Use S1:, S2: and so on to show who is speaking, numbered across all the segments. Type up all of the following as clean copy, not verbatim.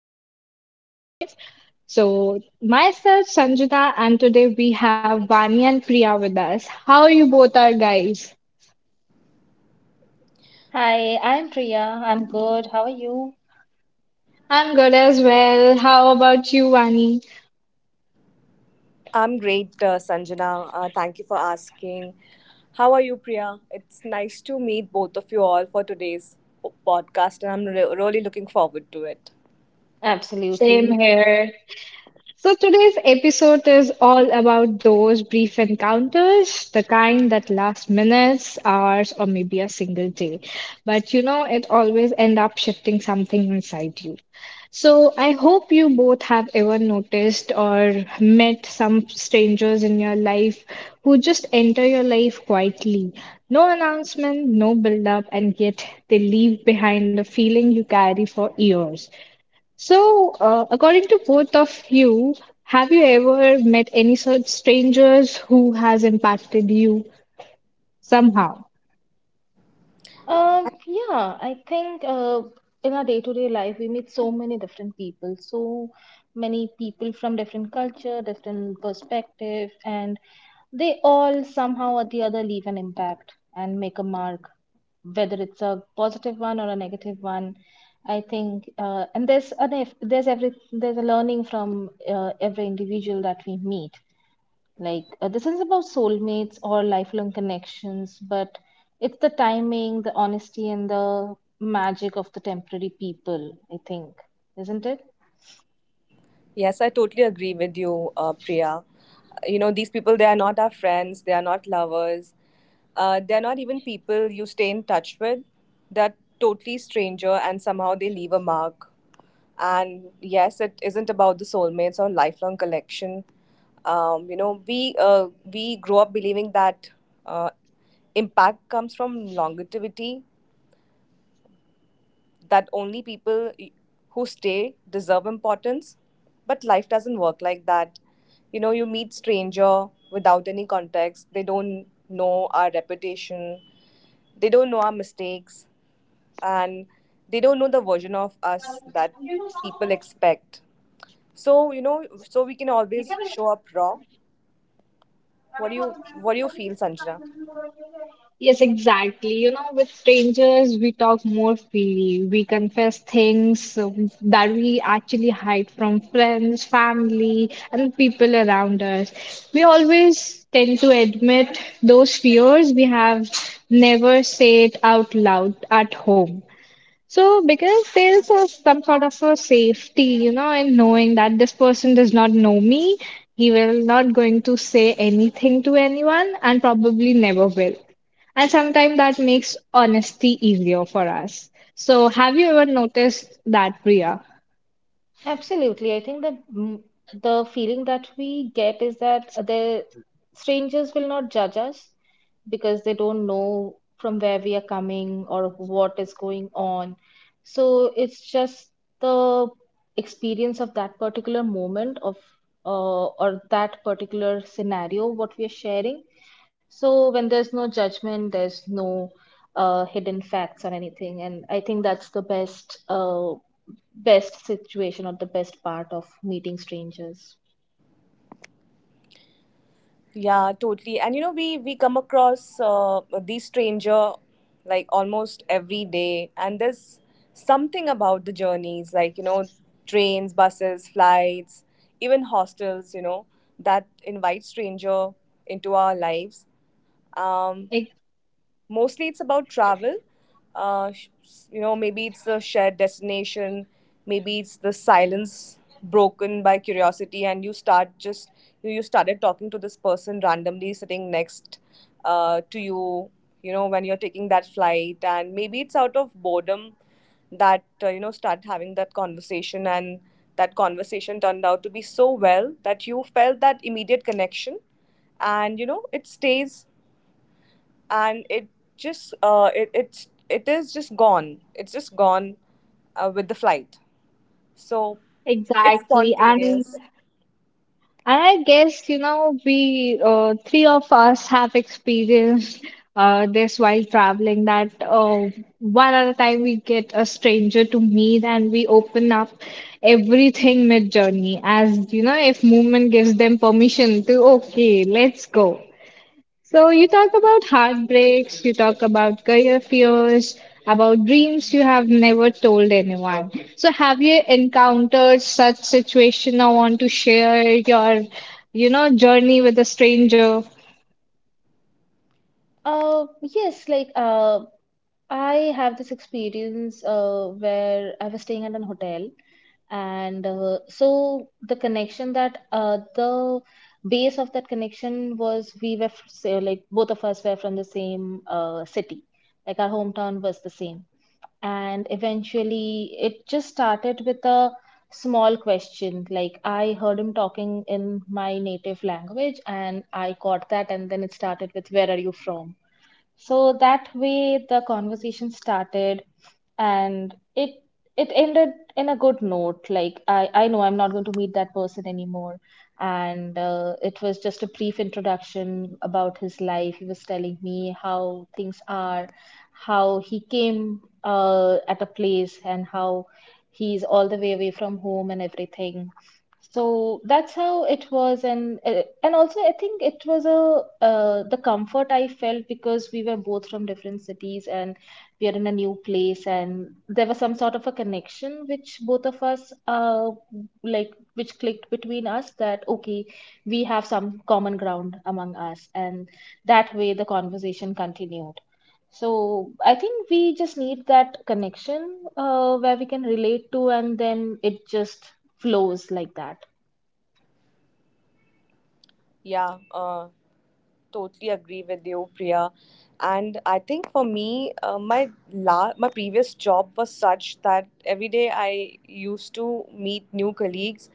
S1: podcast of today. So, myself, Sanjita, and today we have Vani and Priya with us. How you both are, guys?
S2: Hi, I'm Priya. I'm good. How are you?
S1: I'm good as well. How about you, Vani?
S3: I'm great, Sanjana. Thank you for asking. How are you, Priya? It's nice to meet both of you all for today's podcast, and I'm really looking forward to it.
S1: Same
S2: Absolutely.
S1: here. So, today's episode is all about those brief encounters, the kind that last minutes, hours, or maybe a single day. But you know, it always end up shifting something inside you. So, I hope you both have ever noticed or met some strangers in your life who just enter your life quietly. No announcement, no build up, and yet they leave behind a feeling you carry for years. So, according to both of you, have you ever met any such strangers who has impacted you somehow?
S2: Yeah, I think in our day-to-day life, we meet so many different people, so many people from different culture, different perspective, and they all somehow or the other leave an impact and make a mark, whether it's a positive one or a negative one. I think, and there's a learning from every individual that we meet. Like, this is about soulmates or lifelong connections, but it's the timing, the honesty, and the magic of the temporary people, I think, isn't it?
S3: Yes, I totally agree with you, Priya. You know, these people, they are not our friends, they are not lovers, they're not even people you stay in touch with. They're totally stranger and somehow they leave a mark. And yes, it isn't about the soulmates or lifelong collection. You know, we grow up believing that uh, impact comes from longevity, that only people who stay deserve importance, but life doesn't work like that. You know, you meet stranger without any context. They don't know our reputation, they don't know our mistakes, and they don't know the version of us that people expect. So you know, so we can always show up raw. What do you feel, Sanjana?
S1: Yes, exactly. You know, with strangers, we talk more freely. We confess things that we actually hide from friends, family, and people around us. We always tend to admit those fears we have never said out loud at home. So, because there's a, some sort of a safety, you know, in knowing that this person does not know me, he will not going to say anything to anyone and probably never will. And sometimes that makes honesty easier for us. So, have you ever noticed that, Priya?
S2: Absolutely. I think that the feeling that we get is that the strangers will not judge us because they don't know from where we are coming or what is going on. So it's just the experience of that particular moment of or that particular scenario what we are sharing. So when there's no judgment, there's no hidden facts or anything, and I think that's the best situation or the best part of meeting strangers?
S3: Yeah, totally. And you know, we come across the stranger like almost every day, and there's something about the journeys, like you know, trains, buses, flights, even hostels, you know, that invite stranger into our lives. Um,
S1: Ex-
S3: Mostly it's about travel. Uh, sh- you know, maybe it's the shared destination, maybe it's the silence broken by curiosity, and you started talking to this person randomly sitting next to you. You know, when you're taking that flight, and maybe it's out of boredom that you know, start having that conversation, and that conversation turned out to be so well that you felt that immediate connection, and you know, it stays. And it is just gone. It's just gone with the flight. So it's
S1: Exactly. And
S3: spontaneous.
S1: And I guess, you know, we three of us have experienced this while traveling that one at a time we get a stranger to meet and we open up everything mid journey as, you know, if movement gives them permission to, okay, let's go. So you talk about heartbreaks, you talk about career fears, about dreams you have never told anyone. So have you encountered such situation or want to share your, you know, journey with a stranger?
S2: Yes, like I have this experience where I was staying at an hotel, and so the connection that the base of that connection was say, like both of us were from the same city, like our hometown was the same. And eventually it just started with a small question. Like, I heard him talking in my native language and I caught that, and then it started with where are you from. So that way the conversation started, and it ended in a good note. Like, I know I'm not going to meet that person anymore. And it was just a brief introduction about his life. He was telling me how things are, how he came at a place and how he's all the way away from home and everything. So that's how it was. And and also I think it was a the comfort I felt because we were both from different cities and we are in a new place, and there was some sort of a connection which both of us like which clicked between us, that okay, we have some common ground among us. And that way the conversation continued. So I think we just need that connection where we can relate to, and then it just flows like that.
S3: Yeah, totally agree with you, Priya. And I think for me, my previous job was such that every day I used to meet new colleagues,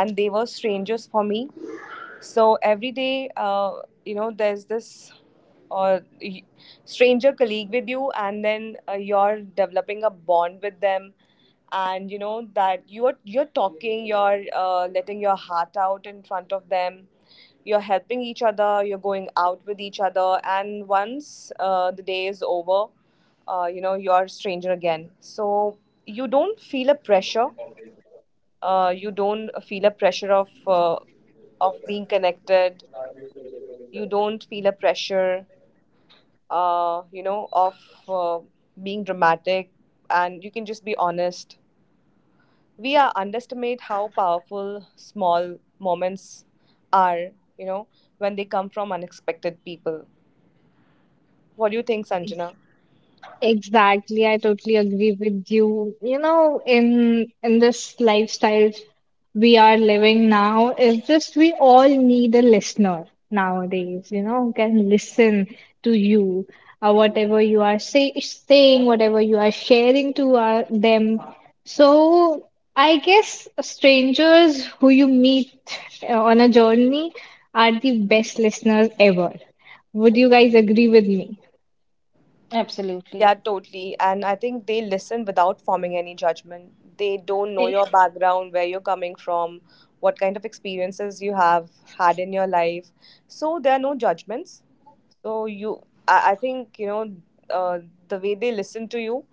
S3: and they were strangers for me. So every day, you know, there's this uh, y- stranger colleague with you, and then you're developing a bond with them, and you know that you're talking, you're letting your heart out in front of them, you're helping each other, you're going out with each other, and once the day is over, you know, you're a stranger again. So you don't feel a pressure. You don't feel a pressure of being connected. You don't feel a pressure you know, of uh, being dramatic, and you can just be honest. We are underestimate how powerful small moments are, you know, when they come from unexpected people. What do you think, Sanjana?
S1: Exactly, I totally agree with you. You know, in this lifestyle we are living now, it's just we all need a listener nowadays, you know, who can listen to you, whatever you are saying, whatever you are sharing to them. So I guess strangers who you meet on a journey are the best listeners ever. Would you guys agree with me?
S2: Absolutely.
S3: Yeah, totally. And I think they listen without forming any judgment. They don't know your background, where you're coming from, what kind of experiences you have had in your life. So there are no judgments. So you, I think, you know, uh, the way they listen to you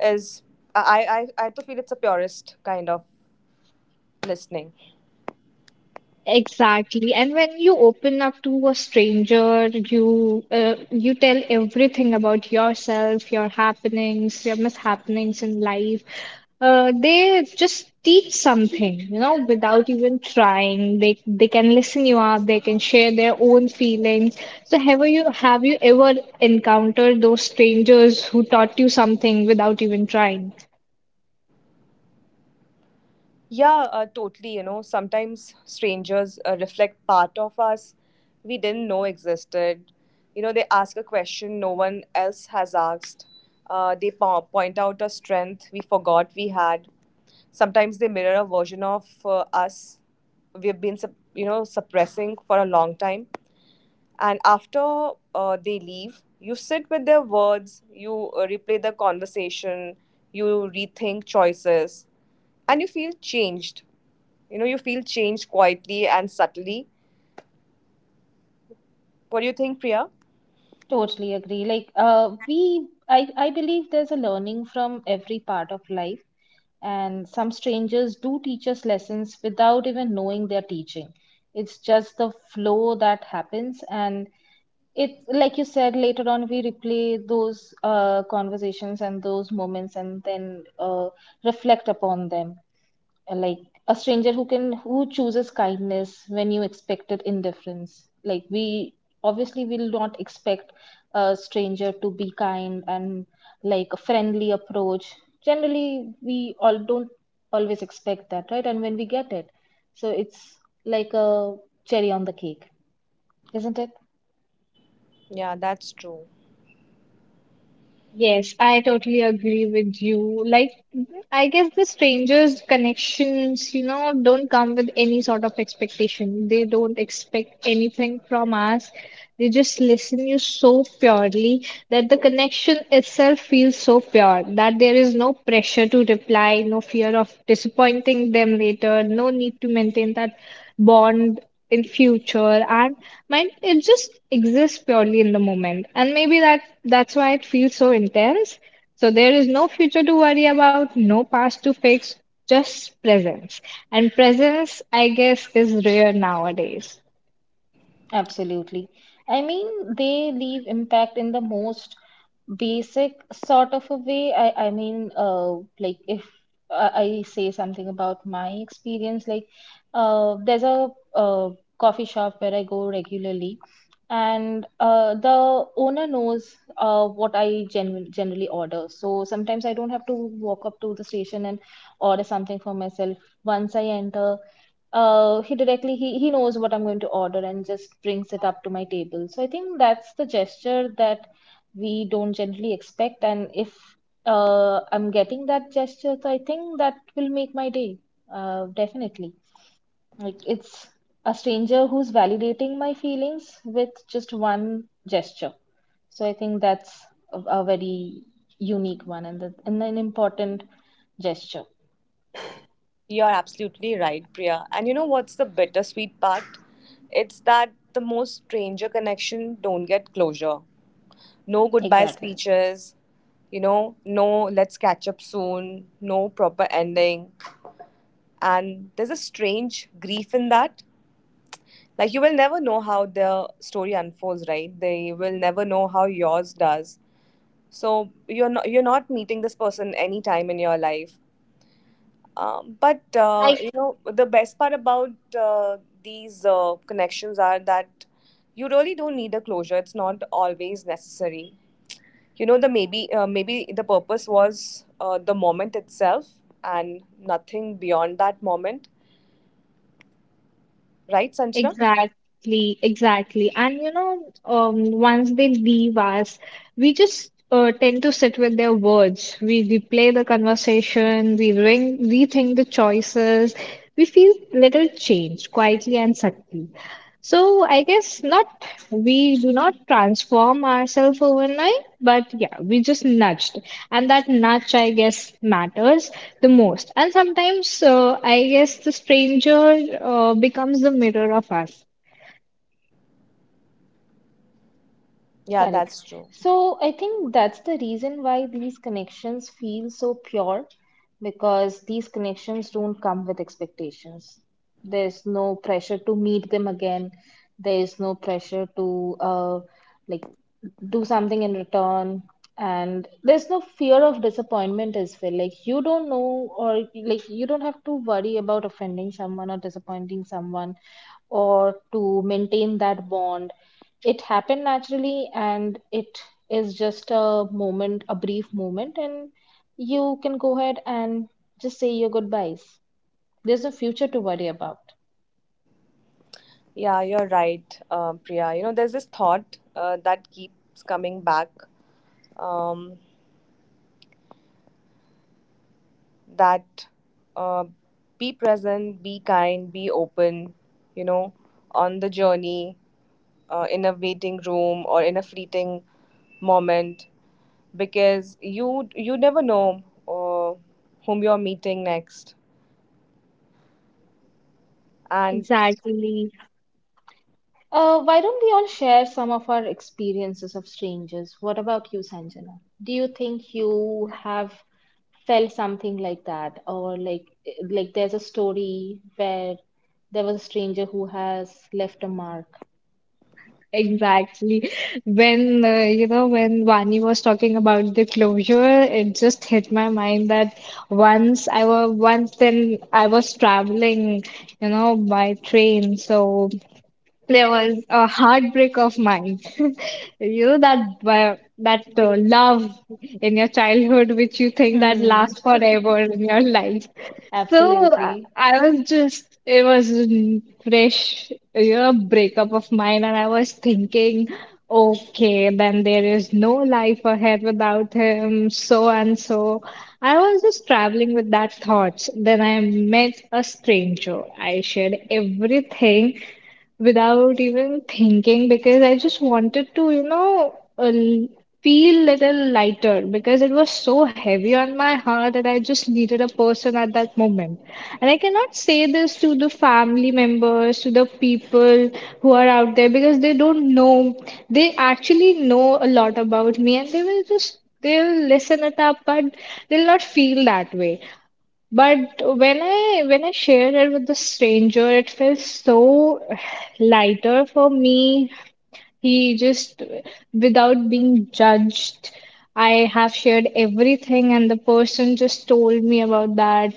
S3: is, I to feel it's a purist kind of listening.
S1: Exactly. And when you open up to a stranger, you you tell everything about yourself, your happenings, your mishappenings in life. They just teach something, you know, without even trying. They can listen you up, they can share their own feelings. So have you ever encountered those strangers who taught you something without even trying?
S3: Yeah, totally. You know, sometimes strangers reflect part of us we didn't know existed. You know, they ask a question no one else has asked. They point out a strength we forgot we had. Sometimes they mirror a version of us we've been, you know, suppressing for a long time. And after they leave, you sit with their words, you replay the conversation, you rethink choices, and you feel changed. You know, you feel changed quietly and subtly. What do you think, Priya?
S2: Totally agree. Like we I believe there's a learning from every part of life, and some strangers do teach us lessons without even knowing they're teaching. It's just the flow that happens, and it's like you said, later on we replay those conversations and those moments and then reflect upon them. Like, a stranger who chooses kindness when you expected indifference. Like, we obviously will not expect a stranger to be kind and like a friendly approach. Generally, we all don't always expect that, right? And when we get it, so it's like a cherry on the cake, isn't it?
S3: Yeah, that's true.
S1: Yes, I totally agree with you. Like, I guess the strangers' connections, you know, don't come with any sort of expectation. They don't expect anything from us. They just listen you so purely that the connection itself feels so pure that there is no pressure to reply, no fear of disappointing them later, no need to maintain that bond in future and mind it just exists purely in the moment, and maybe that's why it feels so intense. So there is no future to worry about, no past to fix, just presence. And presence, I guess, is rare nowadays.
S2: Absolutely, I mean, they leave impact in the most basic sort of a way. I mean, like, if I say something about my experience, like there's a uh, coffee shop where I go regularly, and the owner knows what I generally order. So sometimes I don't have to walk up to the station and order something for myself. Once I enter, he knows what I'm going to order and just brings it up to my table. So I think that's the gesture that we don't generally expect. And if I'm getting that gesture, so I think that will make my day. Definitely. Like, it's a stranger who's validating my feelings with just one gesture. So I think that's a very unique one, and, and an important gesture.
S3: You're absolutely right, Priya. And you know what's the bittersweet part? It's that the most stranger connection don't get closure. No goodbye
S2: Exactly.
S3: speeches, you know, no let's catch up soon, no proper ending. And there's a strange grief in that. Like, you will never know how the story unfolds, right? They will never know how yours does. So you're not meeting this person any time in your life. But
S1: I
S3: you know, the best part about uh, these connections are that you really don't need a closure. It's not always necessary. You know, the maybe maybe the purpose was the moment itself and nothing beyond that moment, right, Sanjana?
S1: Exactly, exactly. And you know, once they leave us, we just tend to sit with their words. We replay the conversation, we rethink the choices. We feel little changed, quietly and subtly. So I guess not, we do not transform ourselves overnight, but yeah, we just nudged. And that nudge, I guess, matters the most. And sometimes, I guess the stranger becomes the mirror of us.
S3: Yeah,
S2: Correct.
S3: that's true.
S2: So I think that's the reason why these connections feel so pure, because these connections don't come with expectations. There's no pressure to meet them again. There's no pressure to like do something in return. And there's no fear of disappointment as well. Like, you don't know, or like, you don't have to worry about offending someone or disappointing someone or to maintain that bond. It happened naturally, and it is just a moment, a brief moment, and you can go ahead and just say your goodbyes. There's no future to worry about.
S3: Yeah, you're right, Priya. You know, there's this thought that keeps coming back, um, that uh, be present, be kind, be open, you know, on the journey, in a waiting room or in a fleeting moment, because you never know uh, whom you're meeting next. And
S1: Exactly,
S2: Why don't we all share some of our experiences of strangers? What about you, Sanjana? Do you think you have felt something like that, or like there's a story where there was a stranger who has left a mark?
S1: exactly. When, you know, when Vani was talking about the closure, it just hit my mind that once then I was traveling, you know, by train. So there was a heartbreak of mine. You know that love in your childhood, which you think that
S2: Hmm.
S1: lasts forever in your life. So
S2: Absolutely.
S1: I was just it was a fresh, you know, breakup of mine, and I was thinking, okay, then there is no life ahead without him, so and so. I was just traveling with that thoughts. Then I met a stranger. I shared everything without even thinking because I just wanted to, you know, feel little lighter because it was so heavy on my heart that I just needed a person at that moment. And I cannot say this to the family members, to the people who are out there because they don't know. They actually know a lot about me, and they will just they'll listen it up, but they'll not feel that way. But when I shared it with a stranger, it felt so lighter for me. He just, without being judged, I have shared everything, and the person just told me about that.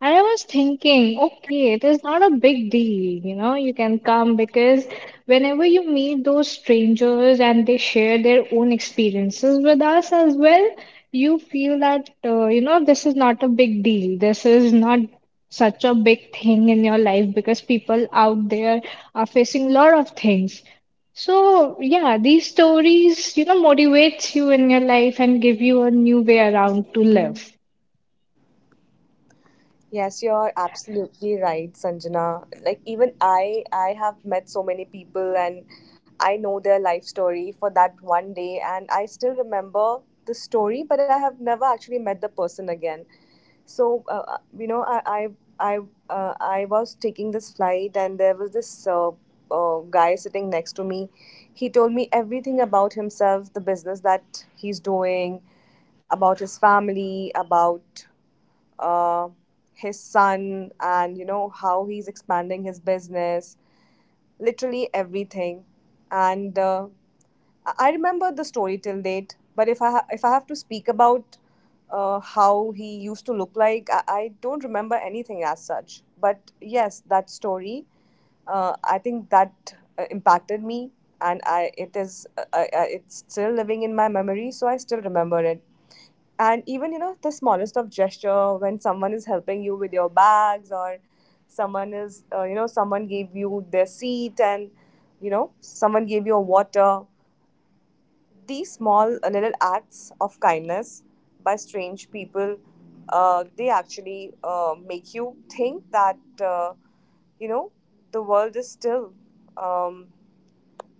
S1: And I was thinking, okay, it is not a big deal, you know, you can come because whenever you meet those strangers and they share their own experiences with us as well, you feel that, you know, this is not a big deal. This is not such a big thing in your life because people out there are facing a lot of things. So, yeah, these stories, you know, motivates you in your life and give you a new way around to live.
S3: yes, you're absolutely right, Sanjana. Like, even I have met so many people, and I know their life story for that one day, and I still remember the story, but I have never actually met the person again. So you know, I, I was taking this flight, and there was this guy sitting next to me. He told me everything about himself, the business that he's doing, about his family, about uh, his son, and you know, how he's expanding his business, literally everything. And I remember the story till date, but if I have to speak about how he used to look like, I don't remember anything as such. But yes, that story, I think that impacted me, and I it is I, it's still living in my memory, so I still remember it. And even, you know, the smallest of gesture when someone is helping you with your bags, or someone is you know, someone gave you their seat, and you know, someone gave you a water, these small little acts of kindness by strange people, they actually make you think that you know, the world is still um,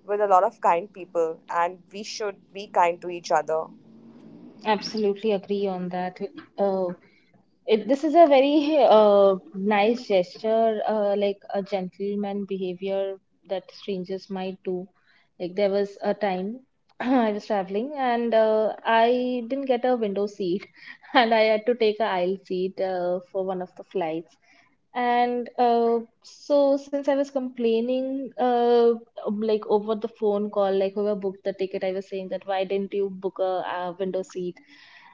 S3: with a lot of kind people, and we should be kind to each other.
S2: Absolutely agree on that. Uh, this is a very nice gesture, like a gentleman behavior that strangers might do. Like, there was a time I was traveling and I didn't get a window seat, and I had to take a aisle seat for one of the flights. And so since I was complaining, like over the phone call, like whoever booked the ticket, I was saying that why didn't you book a, window seat?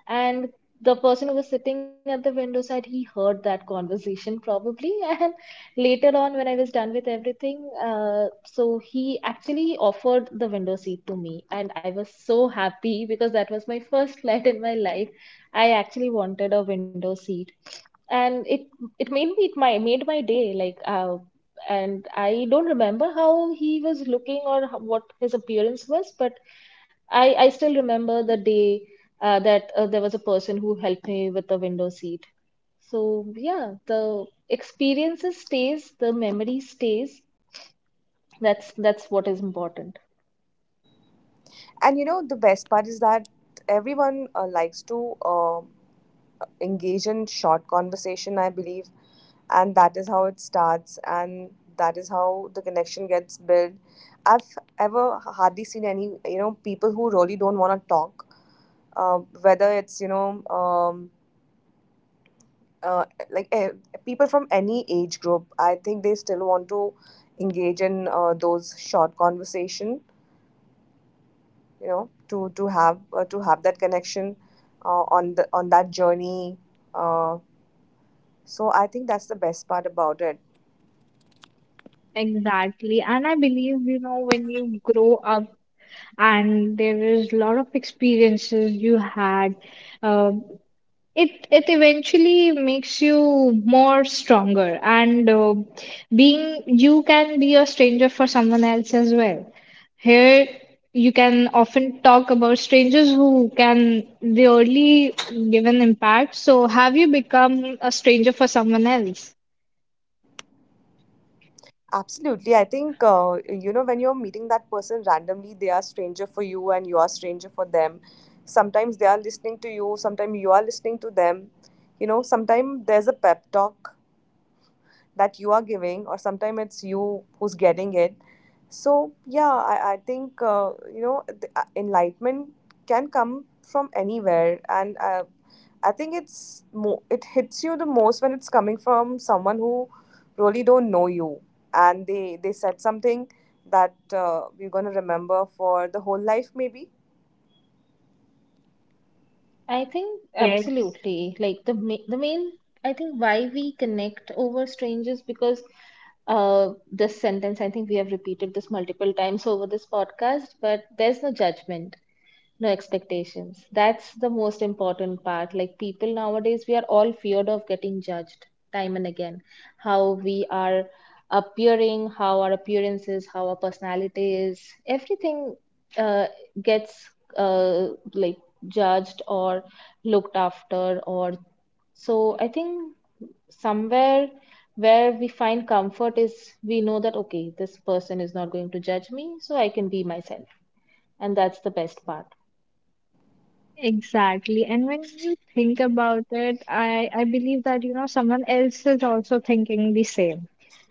S2: And the person who was sitting at the window side, he heard that conversation probably, and later on when I was done with everything, so he actually offered the window seat to me, and I was so happy because that was my first flight in my life. I actually wanted a window seat, and it made me, it my made my day. Like, and I don't remember how he was looking or how, what his appearance was, but I still remember the day that there was a person who helped me with the window seat. So yeah, the experiences stays, the memory stays. That's what is important.
S3: And you know, the best part is that everyone likes to engage in short conversation, I believe. And that is how it starts. And that is how the connection gets built. I've ever hardly seen any, you know, people who really don't want to talk, whether it's, you know, uh, like eh, people from any age group, I think they still want to engage in those short conversation. You know, to to have that connection on the on that journey, uh, so I think that's the best part about it.
S1: Exactly. And I believe, you know, when you grow up and there is a lot of experiences you had. It eventually makes you more stronger, and being you can be a stranger for someone else as well. Here, you can often talk about strangers who can really give an impact. So, have you become a stranger for someone else?
S3: Absolutely. I think you know, when you're meeting that person randomly, they are stranger for you, and you are stranger for them. Sometimes they are listening to you, sometimes you are listening to them. You know, sometimes there's a pep talk that you are giving, or sometimes it's you who's getting it. So yeah, I think you know, the, enlightenment can come from anywhere. And I think it hits you the most when it's coming from someone who really don't know you, and they said something that we're going to remember for the whole life maybe.
S2: I think
S1: Yes.
S2: absolutely. Like the main, I think why we connect over strangers, because this sentence I think we have repeated this multiple times over this podcast, but there's no judgment, no expectations. That's the most important part. Like, people nowadays, we are all feared of getting judged time and again, how we are appearing, how our appearance is, how our personality is, everything uh, gets uh, like judged or looked after, or so I think somewhere where we find comfort is we know that okay, this person is not going to judge me, so I can be myself, and that's the best part.
S1: Exactly. And when you think about it, I believe that, you know, someone else is also thinking the same.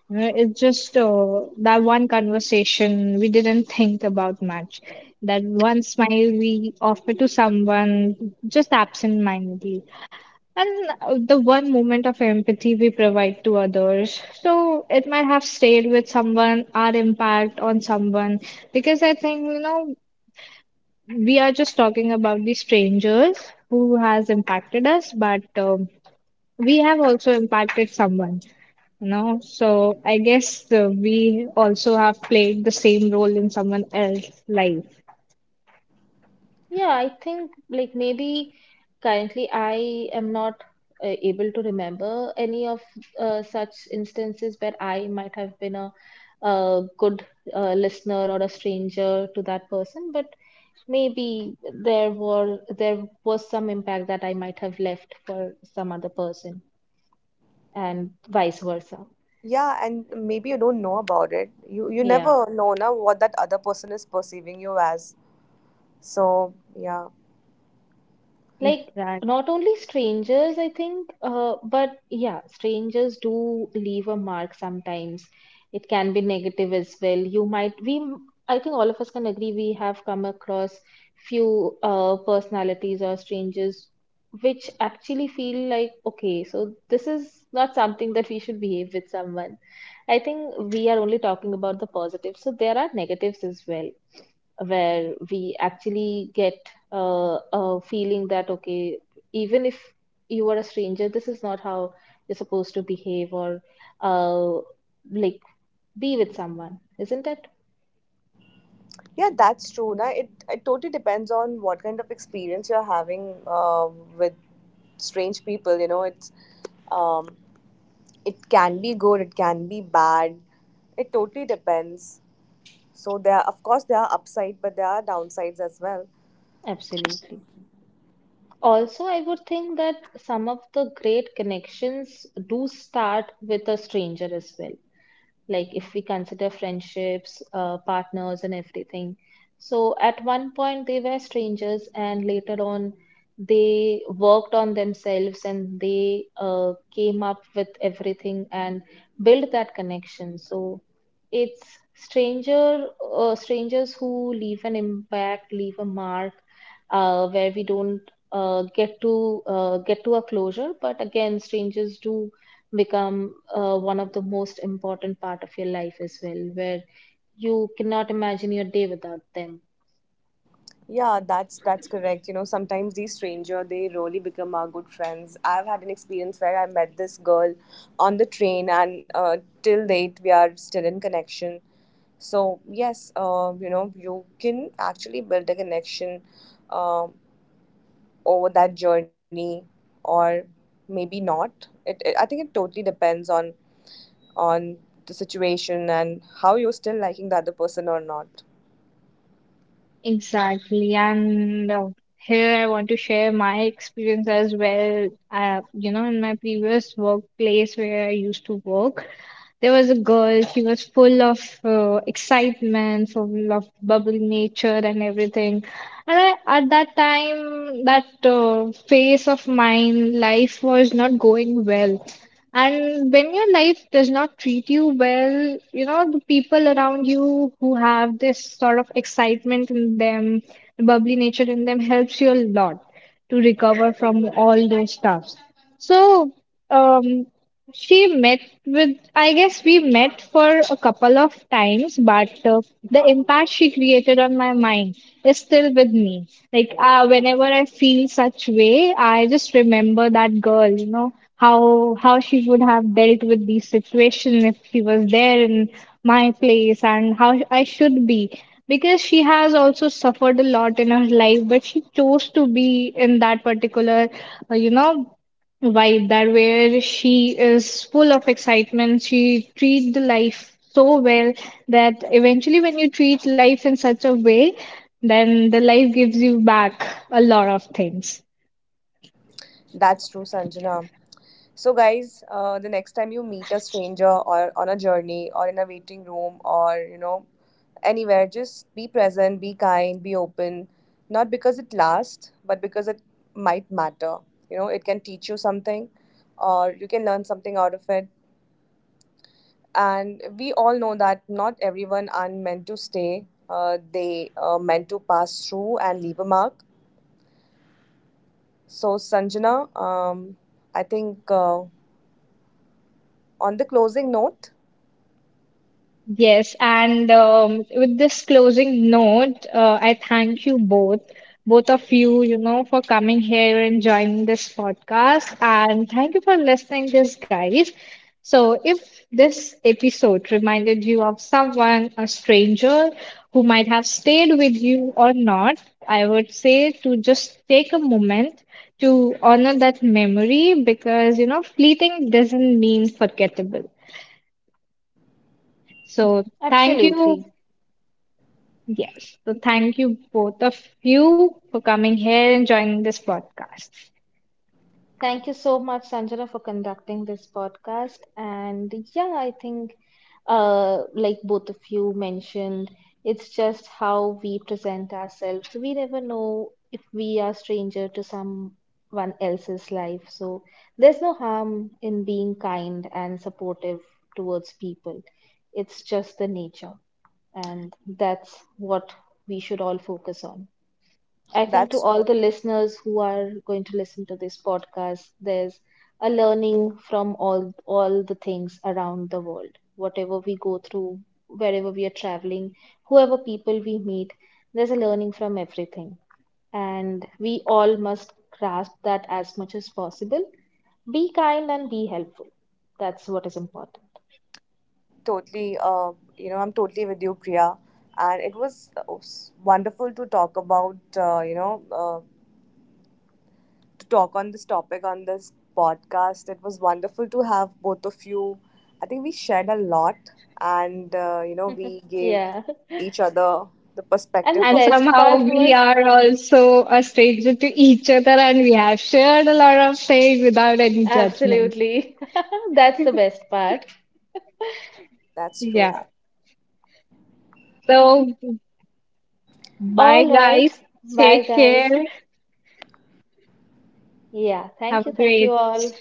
S1: You know, it's just that one conversation we didn't think about much. That one smile we offer to someone just absent-mindedly. And the one moment of empathy we provide to others. So it might have stayed with someone, our impact on someone. Because I think, you know, we are just talking about the strangers who has impacted us, but we have also impacted someone, you know, so I guess we also have played the same role in someone else's life.
S2: Yeah, I think like maybe currently I am not able to remember any of such instances where I might have been a, good listener or a stranger to that person, but maybe there was some impact that I might have left for some other person, and vice versa.
S3: Yeah, and maybe you don't know about it. You
S2: Yeah.
S3: never know now what that other person is perceiving you as, so yeah.
S2: Like,
S1: Exactly.
S2: not only strangers, I think, but yeah, strangers do leave a mark sometimes. It can be negative as well. You might we I think all of us can agree we have come across few personalities or strangers which actually feel like, okay, so this is not something that we should behave with someone. I think we are only talking about the positives, so there are negatives as well, where we actually get a feeling that okay, even if you are a stranger, this is not how you're supposed to behave or uh, like be with someone, isn't it?
S3: Yeah, that's true. Now it totally depends on what kind of experience you're having uh, with strange people. You know, it's um, it can be good, it can be bad. It totally depends. So there are, of course, there are upside, but there are downsides as well.
S2: Absolutely. Also, I would think that some of the great connections do start with a stranger as well, like if we consider friendships, partners, and everything. So at one point they were strangers, and later on they worked on themselves and they came up with everything and built that connection. So it's stranger strangers who leave an impact, leave a mark, where we don't get to a closure. But again, strangers do become one of the most important part of your life as well, where you cannot imagine your day without them.
S3: Yeah, that's correct. You know, sometimes these stranger they really become our good friends. I've had an experience where I met this girl on the train, and till date we are still in connection. So yes, you know, you can actually build a connection uh, over that journey, or maybe not. It I think it totally depends on the situation and how you're still liking the other person or not.
S1: Exactly. And here I want to share my experience as well. You know, in my previous workplace where I used to work, there was a girl, she was full of excitement, full of bubbly nature and everything. And I, at that time, that phase of mine, life was not going well. And when your life does not treat you well, you know, the people around you who have this sort of excitement in them, the bubbly nature in them helps you a lot to recover from all those stuffs. So, um, she met with, I guess we met for a couple of times, but the impact she created on my mind is still with me. Like, whenever I feel such way, I just remember that girl, you know, how she would have dealt with these situations if she was there in my place and how I should be. Because she has also suffered a lot in her life, but she chose to be in that particular, you know, vibe that where she is full of excitement, she treats the life so well that eventually when you treat life in such a way, then the life gives you back a lot of things.
S3: That's true, Sanjana. So, guys, the next time you meet a stranger, or on a journey, or in a waiting room, or you know, anywhere, just be present, be kind, be open. Not because it lasts, but because it might matter. You know, it can teach you something, or you can learn something out of it. And we all know that not everyone are meant to stay, they are meant to pass through and leave a mark. So, Sanjana, um, I think. On the closing note,
S1: Yes, and with this closing note, I thank you both, both of you, you know, for coming here and joining this podcast. And thank you for listening this, guys. So if this episode reminded you of someone, a stranger who might have stayed with you or not, I would say to just take a moment to honor that memory because, you know, fleeting doesn't mean forgettable. So thank you.
S2: Absolutely.
S1: Yes. So thank you both of you for coming here and joining this podcast.
S2: Thank you so much, Sanjana, for conducting this podcast. And yeah, I think, like both of you mentioned, it's just how we present ourselves. We never know if we are stranger to someone else's life. So there's no harm in being kind and supportive towards people. It's just the nature, and that's what we should all focus on. I think to
S3: that's true.
S2: all the listeners who are going to listen to this podcast, there's a learning from all the things around the world. Whatever we go through, wherever we are traveling, whoever people we meet, there's a learning from everything. And we all must grasp that as much as possible. Be kind and be helpful. That's what is important.
S3: Totally, you know, I'm totally with you, Priya. And it was wonderful to talk about, you know, to talk on this topic on this podcast. It was wonderful to have both of you. I think we shared a lot, and you know, we gave
S2: Yeah.
S3: each other the
S2: And the
S3: perspective of
S1: And
S2: best
S1: somehow
S2: part
S1: we
S2: was
S1: are also a stranger to each other and we have shared a lot of things without any judgment.
S2: absolutely. That's the best part.
S3: that's true.
S1: Yeah. So bye,
S2: All right.
S1: guys.
S2: Bye,
S1: Take
S2: guys.
S1: care.
S2: Yeah. Thank
S1: Have
S2: you.
S1: a
S2: Thank you
S1: great
S2: all.